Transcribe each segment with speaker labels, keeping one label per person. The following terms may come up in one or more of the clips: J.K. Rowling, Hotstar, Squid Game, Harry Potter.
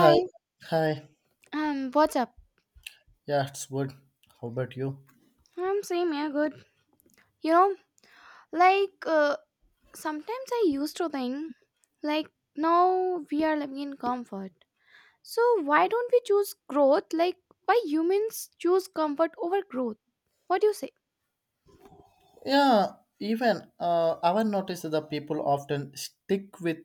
Speaker 1: Hi, hi.
Speaker 2: what's up?
Speaker 1: Yeah, it's good. How about you?
Speaker 2: I'm same, yeah, good. You know, like uh, sometimes I used to think like now we are living in comfort. So why don't we choose growth? Like why humans choose comfort over growth? What do you say?
Speaker 1: Yeah, even I've noticed that people often stick with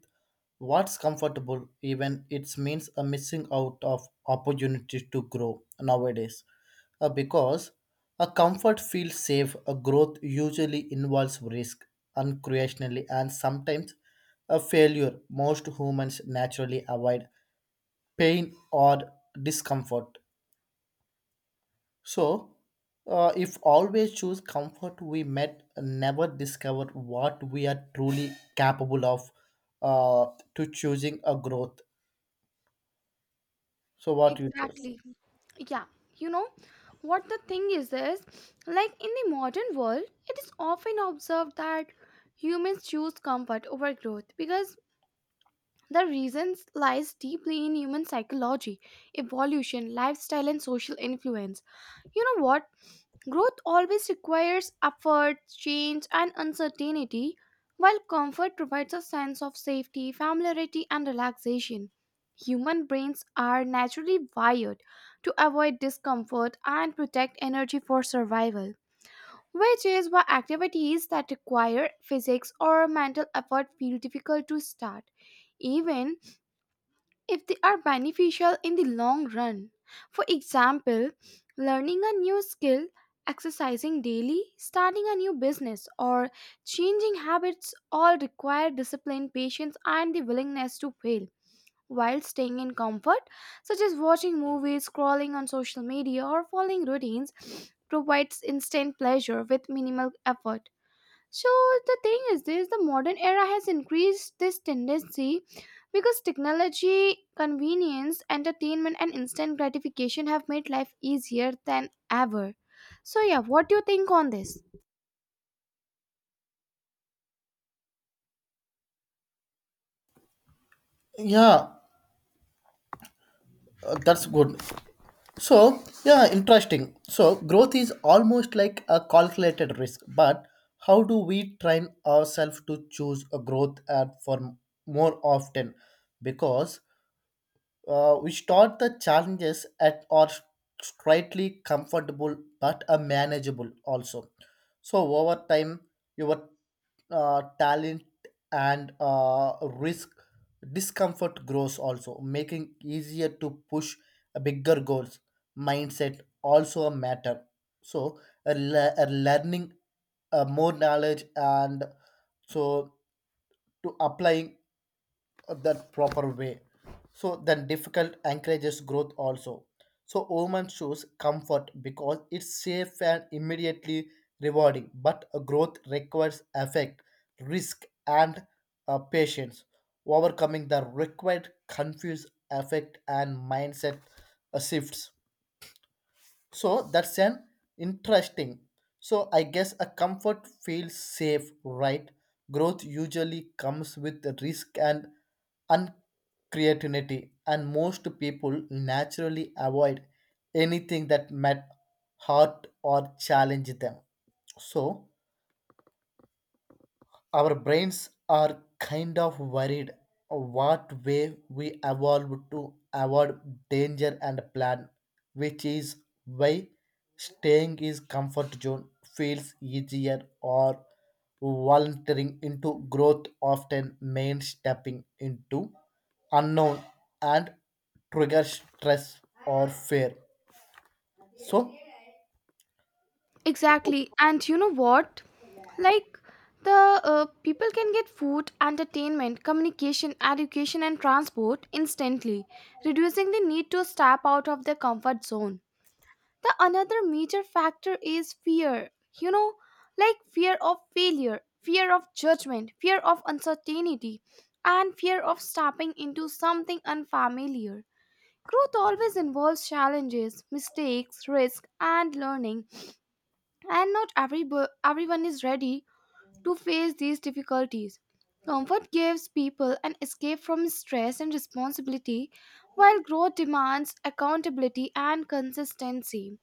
Speaker 1: what's comfortable, even it means a missing out of opportunities to grow nowadays. Because a comfort feels safe, a growth usually involves risk, uncreationally, and sometimes a failure. Most humans naturally avoid pain or discomfort. So, if always choose comfort, we might never discover what we are truly capable of. Uh, to choosing a growth. So, what you just?
Speaker 2: Exactly. Yeah. You know what the thing is like in the modern world, it is often observed that humans choose comfort over growth because the reasons lies deeply in human psychology, evolution, lifestyle and social influence. You know what? Growth always requires effort, change and uncertainty, while comfort provides a sense of safety, familiarity and relaxation. Human brains are naturally wired to avoid discomfort and protect energy for survival, which is why activities that require physics or mental effort feel difficult to start, even if they are beneficial in the long run. For example, learning a new skill, exercising daily, starting a new business, or changing habits all require discipline, patience, and the willingness to fail. While staying in comfort, such as watching movies, scrolling on social media, or following routines, provides instant pleasure with minimal effort. So the thing is this, the modern era has increased this tendency because technology, convenience, entertainment and instant gratification have made life easier than ever. So yeah, what do you think on this?
Speaker 1: Yeah, that's good. So, yeah, interesting. So, growth is almost like a calculated risk, but how do we train ourselves to choose a growth more often? Because which taught the challenges at are slightly comfortable but are manageable also. So over time, your talent and risk discomfort grows also, making easier to push bigger goals. Mindset also a matter. So a learning more knowledge and so to applying that proper way. So then difficult encourages growth also. So women choose comfort because it's safe and immediately rewarding. But a growth requires effect, risk, and patience. Overcoming the required confuse effect and mindset shifts. So that's an interesting. So I guess a comfort feels safe, right? Growth usually comes with the risk and uncreativity, and most people naturally avoid anything that might hurt or challenge them. So our brains are kind of worried what way we evolve to avoid danger and plan, which is why staying is comfort zone feels easier or volunteering into growth often means stepping into unknown and trigger stress or fear. So
Speaker 2: Exactly. And you know what? Like the People can get food, entertainment, communication, education and transport instantly, reducing the need to step out of their comfort zone. The another major factor is fear. You know, like fear of failure, fear of judgment, fear of uncertainty, and fear of stepping into something unfamiliar. Growth always involves challenges, mistakes, risk, and learning, and not every everyone is ready to face these difficulties. Comfort gives people an escape from stress and responsibility, while growth demands accountability and consistency.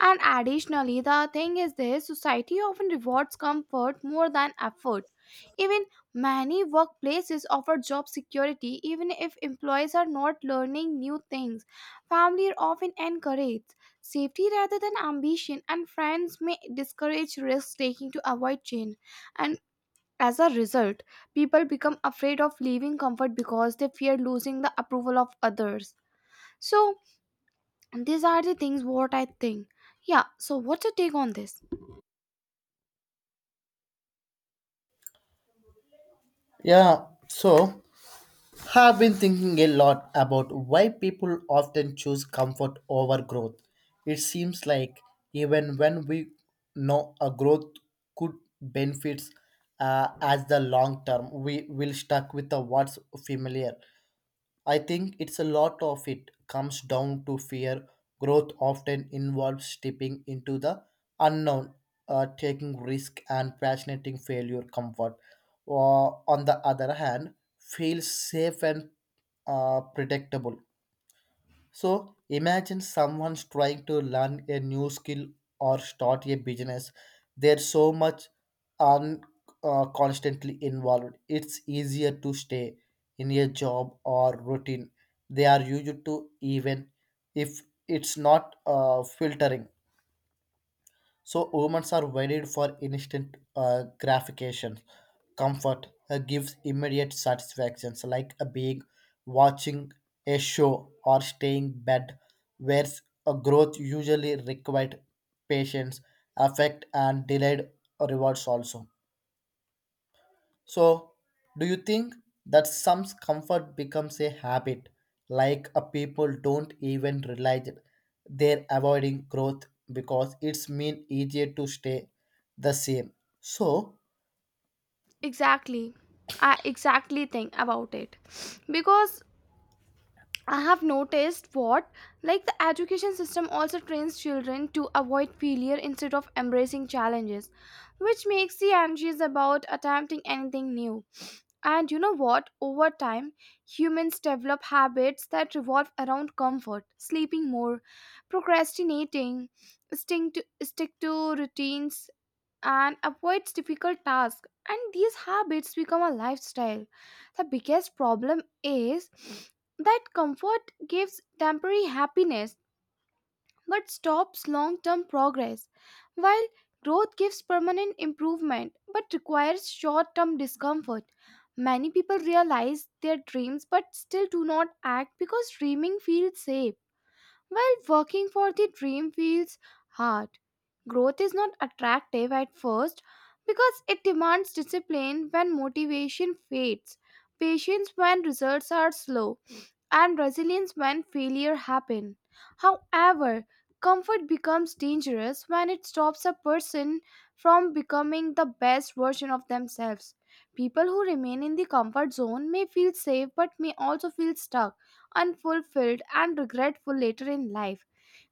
Speaker 2: And additionally, the thing is this, society often rewards comfort more than effort. Even many workplaces offer job security, even if employees are not learning new things. Family often encourages safety rather than ambition, and friends may discourage risk taking to avoid change. And as a result, people become afraid of leaving comfort because they fear losing the approval of others. So, and these are the things what I think. Yeah, so what's your take on this?
Speaker 1: yeah, so have been thinking a lot about why people often choose comfort over growth. It seems like even when we know a growth could benefits as the long term, we will stuck with the what's familiar. I think it's a lot of it comes down to fear. Growth often involves stepping into the unknown, taking risk, and passionating failure comfort. Or on the other hand, feels safe and predictable. So imagine someone's trying to learn a new skill or start a business. There's so much un, constantly involved. It's easier to stay in a job or routine. They are used to even if it's not filtering. So humans are wired for instant gratification comfort gives immediate satisfactions like a being watching a show or staying bed, whereas a growth usually required patience affect and delayed rewards also. So do you think that some comfort becomes a habit, like a people don't even realize it they're avoiding growth because it's mean easier to stay the same? So
Speaker 2: Exactly. I exactly think about it. Because I have noticed what, like the education system also trains children to avoid failure instead of embracing challenges, which makes the anxious about attempting anything new. And you know what? Over time, humans develop habits that revolve around comfort, sleeping more, procrastinating, stick to routines, and avoids difficult tasks, and these habits become a lifestyle. The biggest problem is that comfort gives temporary happiness but stops long-term progress, while growth gives permanent improvement but requires short-term discomfort. Many people realize their dreams but still do not act because dreaming feels safe, while working for the dream feels hard. Growth is not attractive at first because it demands discipline when motivation fades, patience when results are slow, and resilience when failure happen. However, comfort becomes dangerous when it stops a person from becoming the best version of themselves. People who remain in the comfort zone may feel safe but may also feel stuck, unfulfilled, and regretful later in life.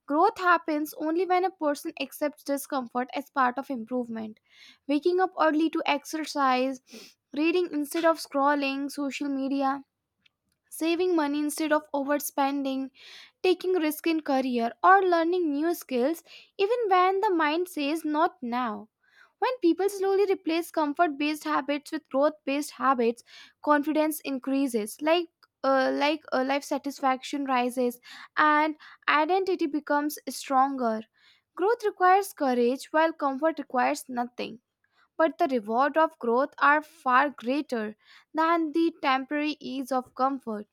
Speaker 2: Growth happens only when a person accepts discomfort as part of improvement. Waking up early to exercise, reading instead of scrolling social media, saving money instead of overspending, taking risk in career or learning new skills even when the mind says not now. When people slowly replace comfort based habits with growth based habits, confidence increases, life satisfaction rises and identity becomes stronger. Growth requires courage while comfort requires nothing. But the reward of growth are far greater than the temporary ease of comfort.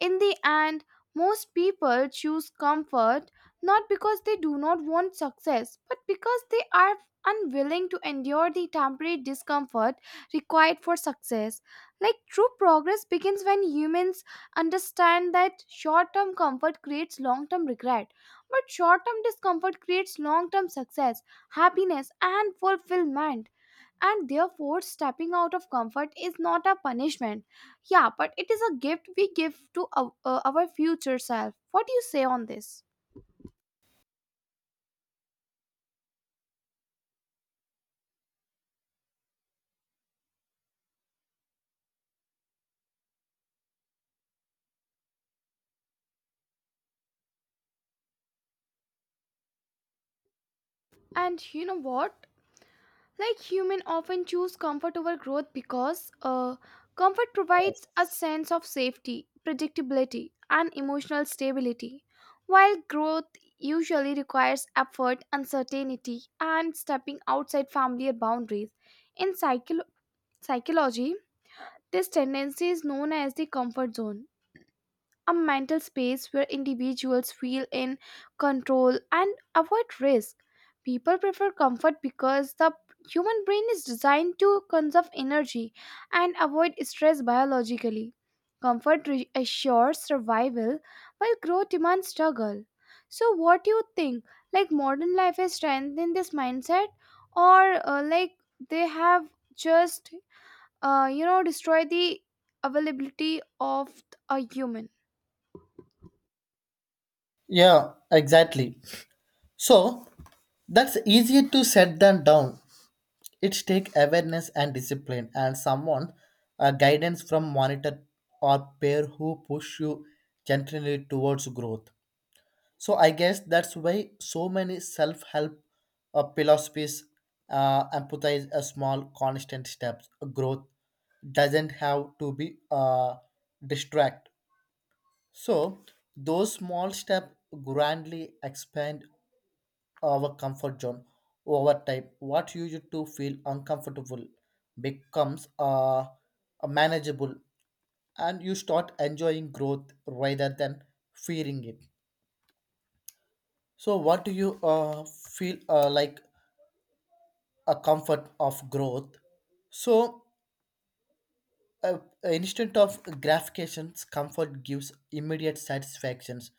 Speaker 2: In the end, most people choose comfort not because they do not want success, but because they are unwilling to endure the temporary discomfort required for success. Like true progress begins when humans understand that short term comfort creates long term regret, but short term discomfort creates long term success, happiness, and fulfillment. And therefore, stepping out of comfort is not a punishment, yeah, but it is a gift we give to our future self. What do you say on this? And you know what? Like human often choose comfort over growth because comfort provides a sense of safety, predictability, and emotional stability, while growth usually requires effort, uncertainty, and stepping outside familiar boundaries. In psychology, this tendency is known as the comfort zone, a mental space where individuals feel in control and avoid risk. People prefer comfort because the human brain is designed to conserve energy and avoid stress biologically. Assures survival while growth demands struggle. So, what do you think? Like modern life has strengthened this mindset, or like they have just, you know, destroyed the availability of a human?
Speaker 1: yeah, exactly. So that's easier to set than down. It takes awareness and discipline and someone guidance from monitor or peer who push you gently towards growth. So I guess that's why so many self-help philosophies empathize a small constant steps. Growth doesn't have to be distract. So those small steps grandly expand our comfort zone over time what you used to feel uncomfortable becomes manageable and you start enjoying growth rather than fearing it. So what do you feel like a comfort of growth? So a, instant of gratifications, comfort gives immediate satisfactions.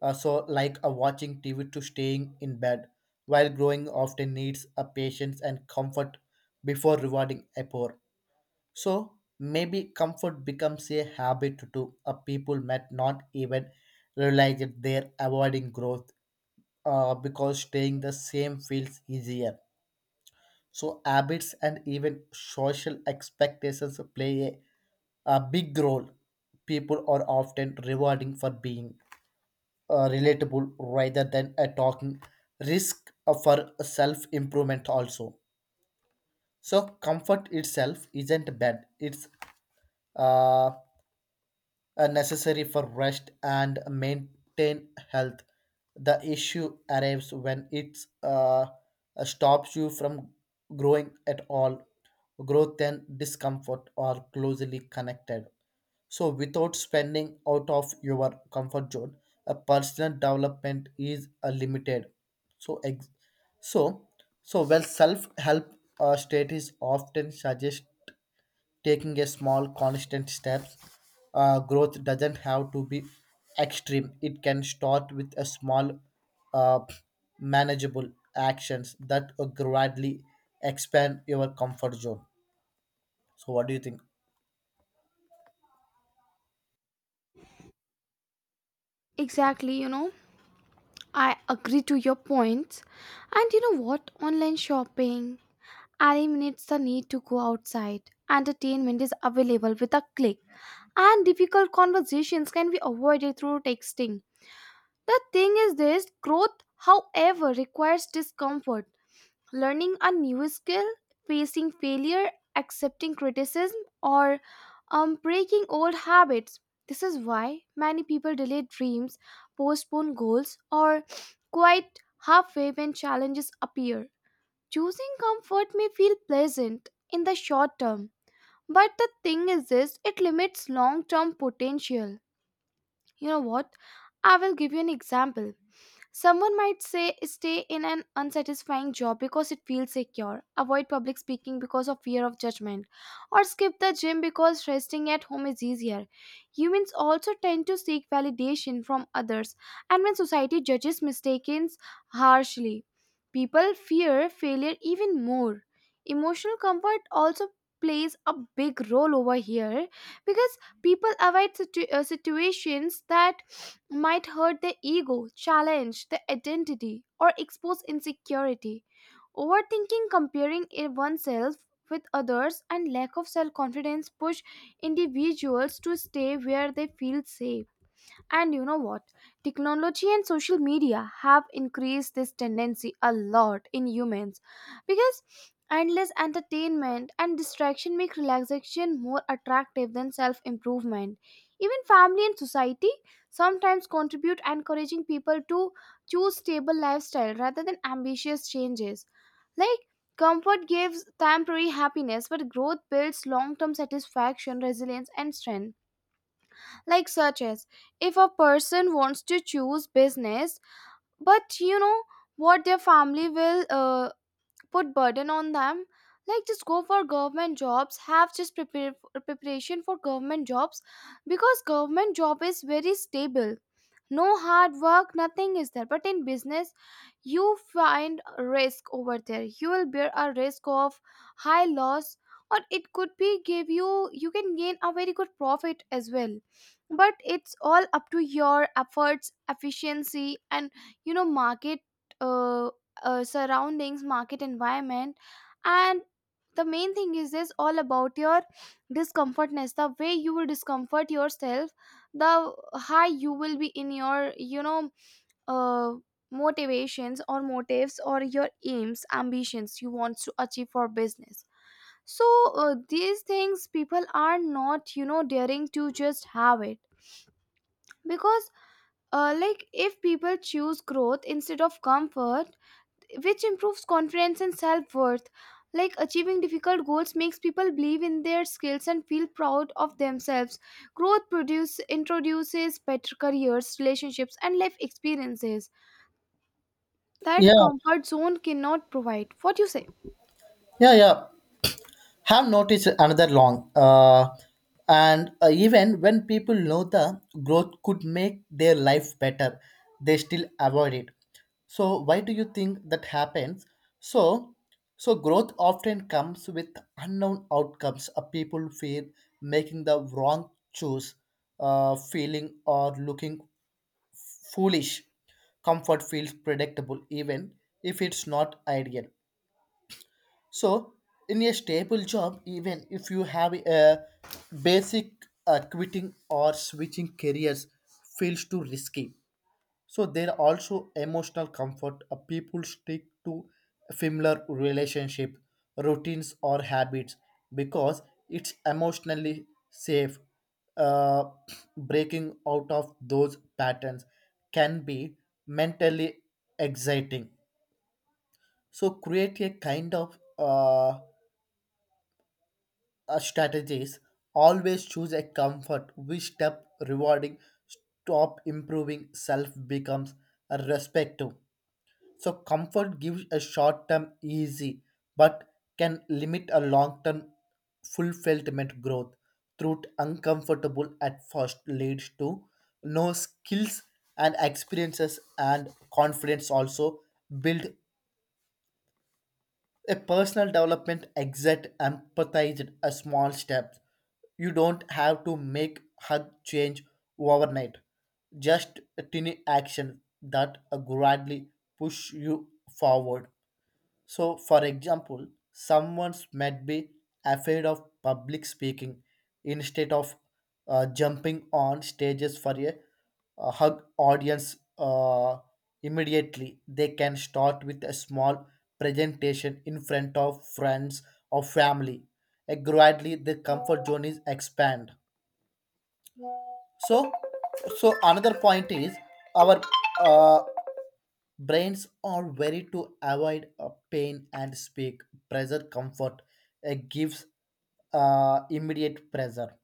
Speaker 1: So, like a watching TV to staying in bed, while growing often needs a patience and comfort before rewarding effort. So, maybe comfort becomes a habit to a people might not even realize that they're avoiding growth because staying the same feels easier. So habits and even social expectations play a big role. People are often rewarding for being relatable rather than a talking risk for self improvement also. So comfort itself isn't bad. It's uh, necessary for rest and maintain health. The issue arrives when it uh, stops you from growing at all. Growth and discomfort are closely connected. So, without spending out of your comfort zone, a personal development is limited. So, ex- so, so, well, self help state is often suggest taking a small constant steps. Growth doesn't have to be extreme, it can start with a small uh, manageable actions that gradually expand your comfort zone. So what do you think?
Speaker 2: Exactly, you know, I agree to your points. And you know what? Online shopping eliminates the need to go outside. Entertainment is available with a click, and difficult conversations can be avoided through texting. The thing is, this growth, however, requires discomfort. Learning a new skill, facing failure, accepting criticism, or breaking old habits. This is why many people delay dreams, postpone goals, or quit halfway when challenges appear. Choosing comfort may feel pleasant in the short term, but the thing is this, it limits long term potential. You know what? I will give you an example. Someone might say stay in an unsatisfying job because it feels secure, avoid public speaking because of fear of judgment, or skip the gym because resting at home is easier. Humans also tend to seek validation from others, and when society judges mistakes harshly, people fear failure even more. Emotional comfort also plays a big role over here because people avoid situations that might hurt the ego, challenge the identity, or expose insecurity. Overthinking, oneself with others, and lack of self confidence push individuals to stay where they feel safe. And you know what? Technology and social media have increased this tendency a lot in humans because endless entertainment and distraction make relaxation more attractive than self improvement. Even family and society sometimes contribute encouraging people to choose stable lifestyle rather than ambitious changes. Like comfort gives temporary happiness, but growth builds long term satisfaction, resilience, and strength, like such as if a person wants to choose business, but you know what, their family will put burden on them, like just go for government jobs, have just prepare preparation for government jobs, because government job is very stable, no hard work nothing is there. But in business you find risk over there, you will bear a risk of high loss, or it could be give you you can gain a very good profit as well. But it's all up to your efforts efficiency and you know market, uh, surroundings, market environment. And the main thing is this, all about your discomfortness, the way you will discomfort yourself, the high you will be in your you know, uh, motivations or motives or your aims ambitions you want to achieve for business. So these things people are not you know daring to just have it, because like if people choose growth instead of comfort, which improves confidence and self worth. Like achieving difficult goals makes people believe in their skills and feel proud of themselves. Introduces better careers, relationships, and life experiences that
Speaker 1: Yeah,
Speaker 2: comfort zone cannot provide. What do you say?
Speaker 1: yeah, yeah. Have noticed another long and even when people know the growth could make their life better they still avoid it. So why do you think that happens? So so growth often comes with unknown outcomes. People fear making the wrong choice, feeling or looking foolish. Comfort feels predictable even if it's not ideal. So, in a stable job, even if you have a basic quitting or switching careers feels too risky. So there are also emotional comfort. People stick to familiar relationship, routines or habits because it's emotionally safe. Uh, Breaking out of those patterns can be mentally exciting. So create a kind of strategies always choose a comfort which step rewarding stop improving self becomes a respective. So comfort gives a short term easy but can limit a long term fulfillment growth through uncomfortable at first leads to no skills and experiences and confidence also build a personal development exit empathized a small step. You don't have to make hug change overnight. Just a tiny action that gradually push you forward. So, for example, someone might be afraid of public speaking instead of jumping on stages for a hug audience immediately. They can start with a small presentation in front of friends or family. And gradually, the comfort zone is expand. So, so, another point is our uh, brains are very to avoid pain and speak pressure comfort gives immediate pressure.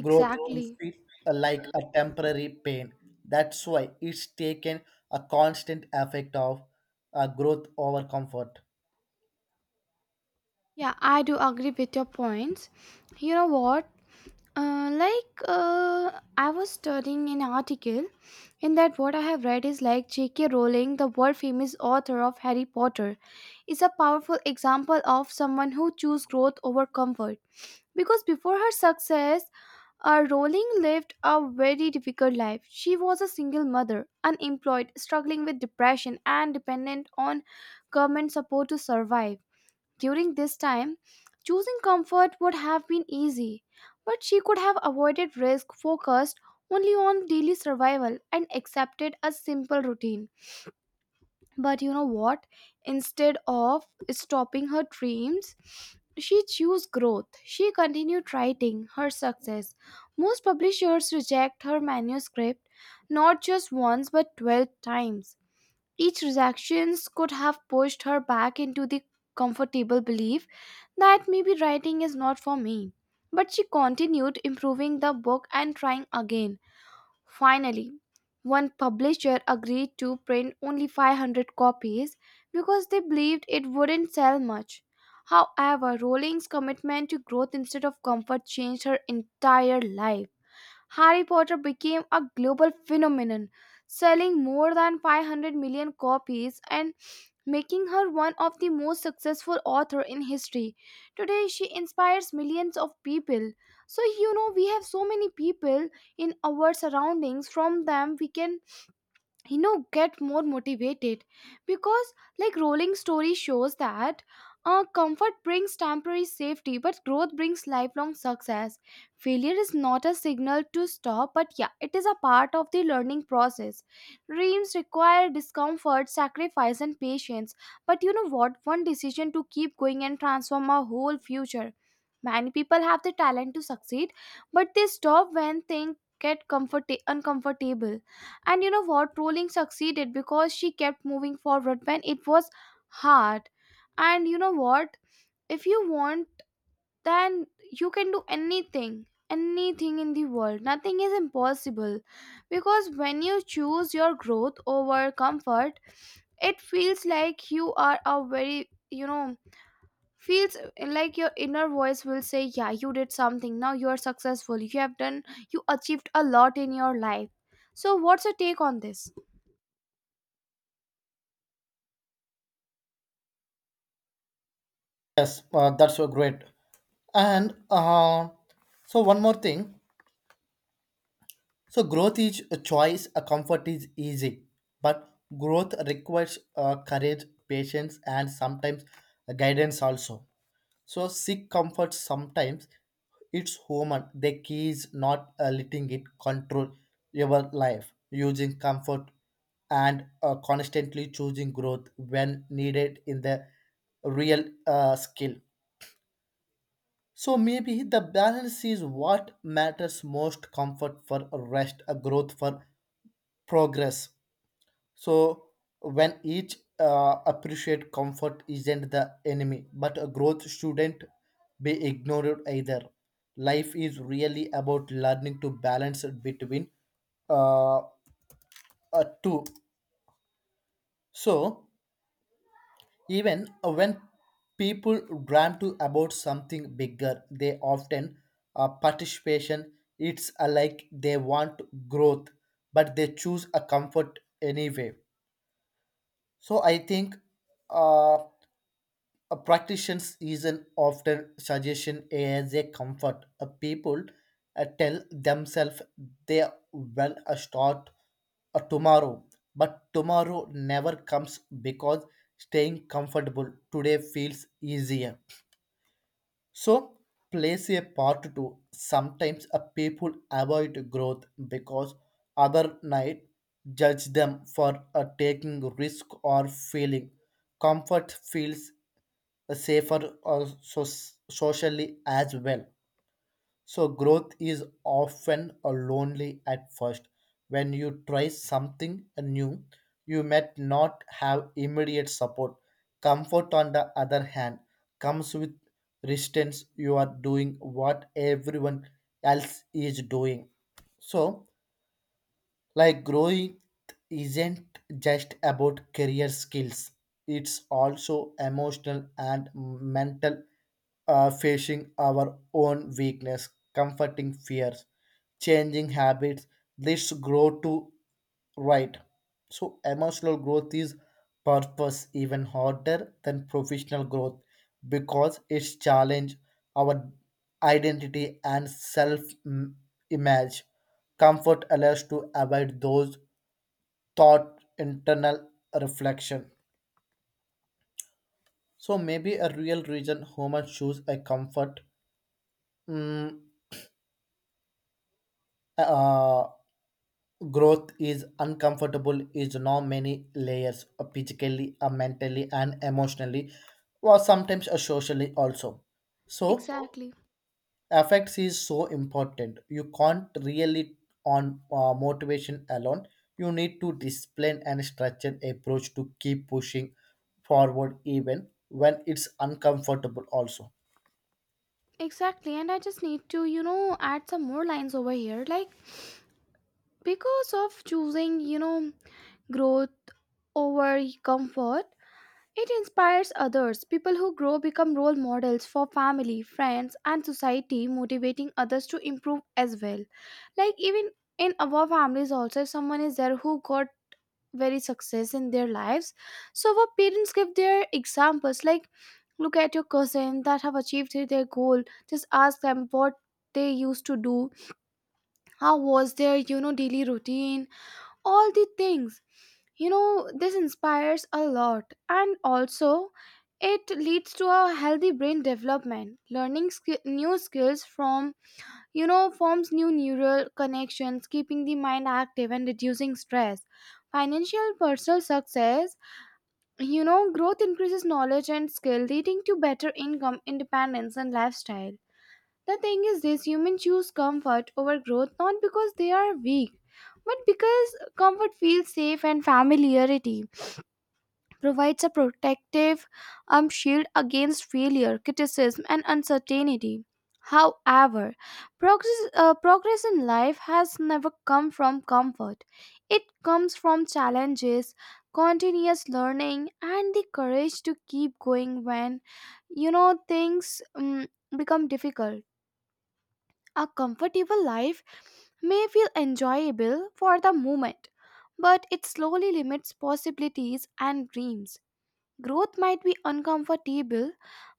Speaker 1: Growth can feel like a temporary pain. That's why it's taken a constant effect of growth over comfort.
Speaker 2: Yeah, I do agree with your points. You know what? Uh, like uh, I was studying an article in that what I have read is like J.K. Rowling, the world famous author of Harry Potter, is a powerful example of someone who chose growth over comfort. Because before her success, Rowling lived a very difficult life. She was a single mother, unemployed, struggling with depression, and dependent on government support to survive. During this time, choosing comfort would have been easy, but she could have avoided risk, focused only on daily survival, and accepted a simple routine. But you know what? Instead of stopping her dreams, she chose growth. She continued writing her success. Most publishers reject her manuscript not just once but 12 times. Each rejection could have pushed her back into the comfortable belief that maybe writing is not for me. But she continued improving the book and trying again. Finally, one publisher agreed to print only 500 copies because they believed it wouldn't sell much. However, Rowling's commitment to growth instead of comfort changed her entire life. Harry Potter became a global phenomenon, selling more than 500 million copies and making her one of the most successful authors in history. Today, she inspires millions of people. So, you know, we have so many people in our surroundings. From them, we can get more motivated, because like rolling story shows that comfort brings temporary safety but growth brings lifelong success. Failure is not a signal to stop, but yeah, it is a part of the learning process. Dreams require discomfort, sacrifice, and patience, but you know what? One decision to keep going and transform our whole future. Many people have the talent to succeed, but they stop when things get uncomfortable. And you know what? Trolling succeeded because she kept moving forward when it was hard. And you know what? If you want, then you can do anything, anything in the world. Nothing is impossible. Because when you choose your growth over comfort, it feels like you are a very, feels like your inner voice will say, "Yeah, you did something. Now you are successful. You achieved a lot in your life." So, what's your take on this?
Speaker 1: Yes, that's so great. And so one more thing. So growth is a choice, a comfort is easy, but growth requires courage, patience, and sometimes guidance also. So seek comfort sometimes. It's human. The key is not letting it control your life. Using comfort and constantly choosing growth when needed in the real skill. So maybe the balance is what matters most: comfort for rest, a growth for progress. So when each appreciate comfort isn't the enemy, but a growth shouldn't be ignored either. Life is really about learning to balance between uh, two. So even when people dream to about something bigger, they often participation. It's like they want growth, but they choose a comfort anyway. So I think uh, a practitioner's is an often suggestion as a comfort. A people tell themselves they will start tomorrow, but tomorrow never comes because staying comfortable today feels easier. So plays a part too. Sometimes a people avoid growth because other night judge them for taking risk or feeling comfort feels safer or socially as well. So, growth is often a lonely at first. When you try something new, you might not have immediate support. Comfort, on the other hand, comes with resistance. You are doing what everyone else is doing. So, like growing isn't just about career skills, it's also emotional and mental facing our own weakness, comforting fears, changing habits. Let's grow to right. So emotional growth is purpose even harder than professional growth because it's challenge our identity and self image. Comfort allows to avoid those thought internal reflection. So maybe a real reason humans choose a comfort mm, uh, growth is uncomfortable is now many layers physically, mentally and emotionally, or sometimes socially also. So
Speaker 2: Exactly.
Speaker 1: affects is so important. You can't really on motivation alone. You need to discipline and structured approach to keep pushing forward even when it's uncomfortable also.
Speaker 2: Exactly. And I just need to, you know, add some more lines over here. Like, because of choosing, you know, growth over comfort, it inspires others. People who grow become role models for family, friends, and society, motivating others to improve as well. Like, even in our families, also, if someone is there who got very success in their lives, so our parents give their examples like, look at your cousin that have achieved their goal. Just ask them what they used to do, how was their, you know, daily routine, all the things. You know, this inspires a lot. And also, it leads to a healthy brain development. Learning new skills from, you know, forms new neural connections, keeping the mind active and reducing stress. Financial personal success, you know, growth increases knowledge and skill, leading to better income, independence, and lifestyle. The thing is, this humans choose comfort over growth not because they are weak, but because comfort feels safe and familiarity provides a protective shield against failure, criticism, and uncertainty. However, progress in life has never come from comfort. It comes from challenges, continuous learning, and the courage to keep going when, you know, things become difficult. A comfortable life may feel enjoyable for the moment, but it slowly limits possibilities and dreams. Growth might be uncomfortable,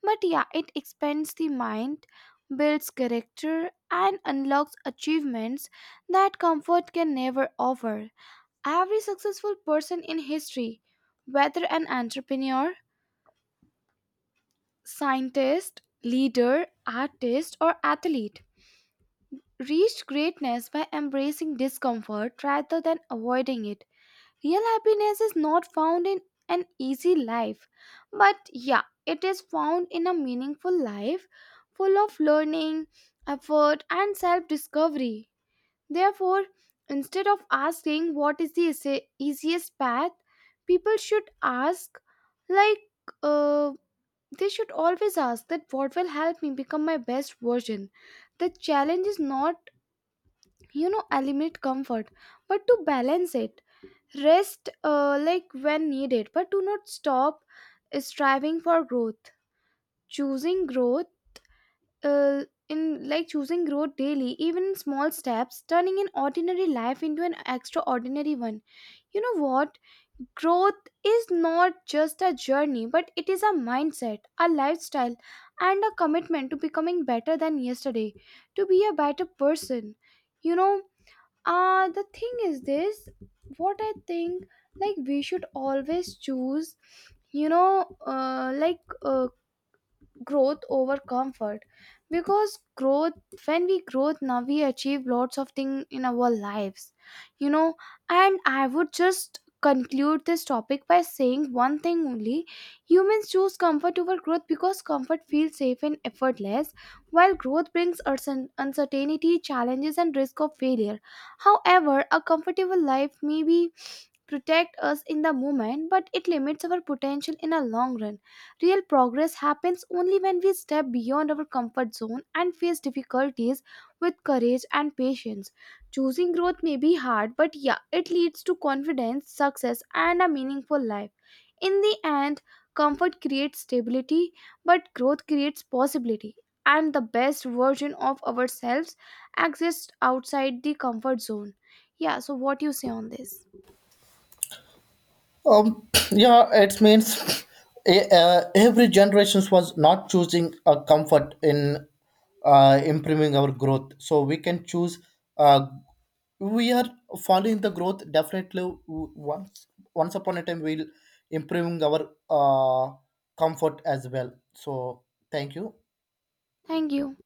Speaker 2: but yeah, it expands the mind, builds character, and unlocks achievements that comfort can never offer. Every successful person in history, whether an entrepreneur, scientist, leader, artist, or athlete, reached greatness by embracing discomfort rather than avoiding it. Real happiness is not found in an easy life, but yeah, it is found in a meaningful life full of learning, effort, and self discovery. Therefore, instead of asking what is the easiest path, people should ask, like, uh, they should always ask that what will help me become my best version. The challenge is not, you know, eliminate comfort, but to balance it. Rest like when needed, but do not stop striving for growth. Choosing growth, uh, in like choosing growth daily, even in small steps, turning an ordinary life into an extraordinary one. You know what? Growth is not just a journey, but it is a mindset, a lifestyle, and a commitment to becoming better than yesterday, to be a better person. You know, the thing is this, what I think, like we should always choose, you know uh, like uh, growth over comfort, because growth, when we growth, now we achieve lots of things in our lives, you know. And I would just conclude this topic by saying one thing only. Humans choose comfort over growth because comfort feels safe and effortless, while growth brings uncertainty, challenges, and risk of failure. However, a comfortable life may be protect us in the moment, but it limits our potential in a long run. Real progress happens only when we step beyond our comfort zone and face difficulties with courage and patience. Choosing growth may be hard, but yeah, it leads to confidence, success, and a meaningful life. In the end, comfort creates stability, but growth creates possibility. And the best version of ourselves exists outside the comfort zone. Yeah, so what do you say on this?
Speaker 1: Yeah, it means every generations was not choosing a comfort in improving our growth. So we can choose. Uh, we are following the growth definitely. Once once upon a time, we'll improving our comfort as well. So thank you.
Speaker 2: Thank you.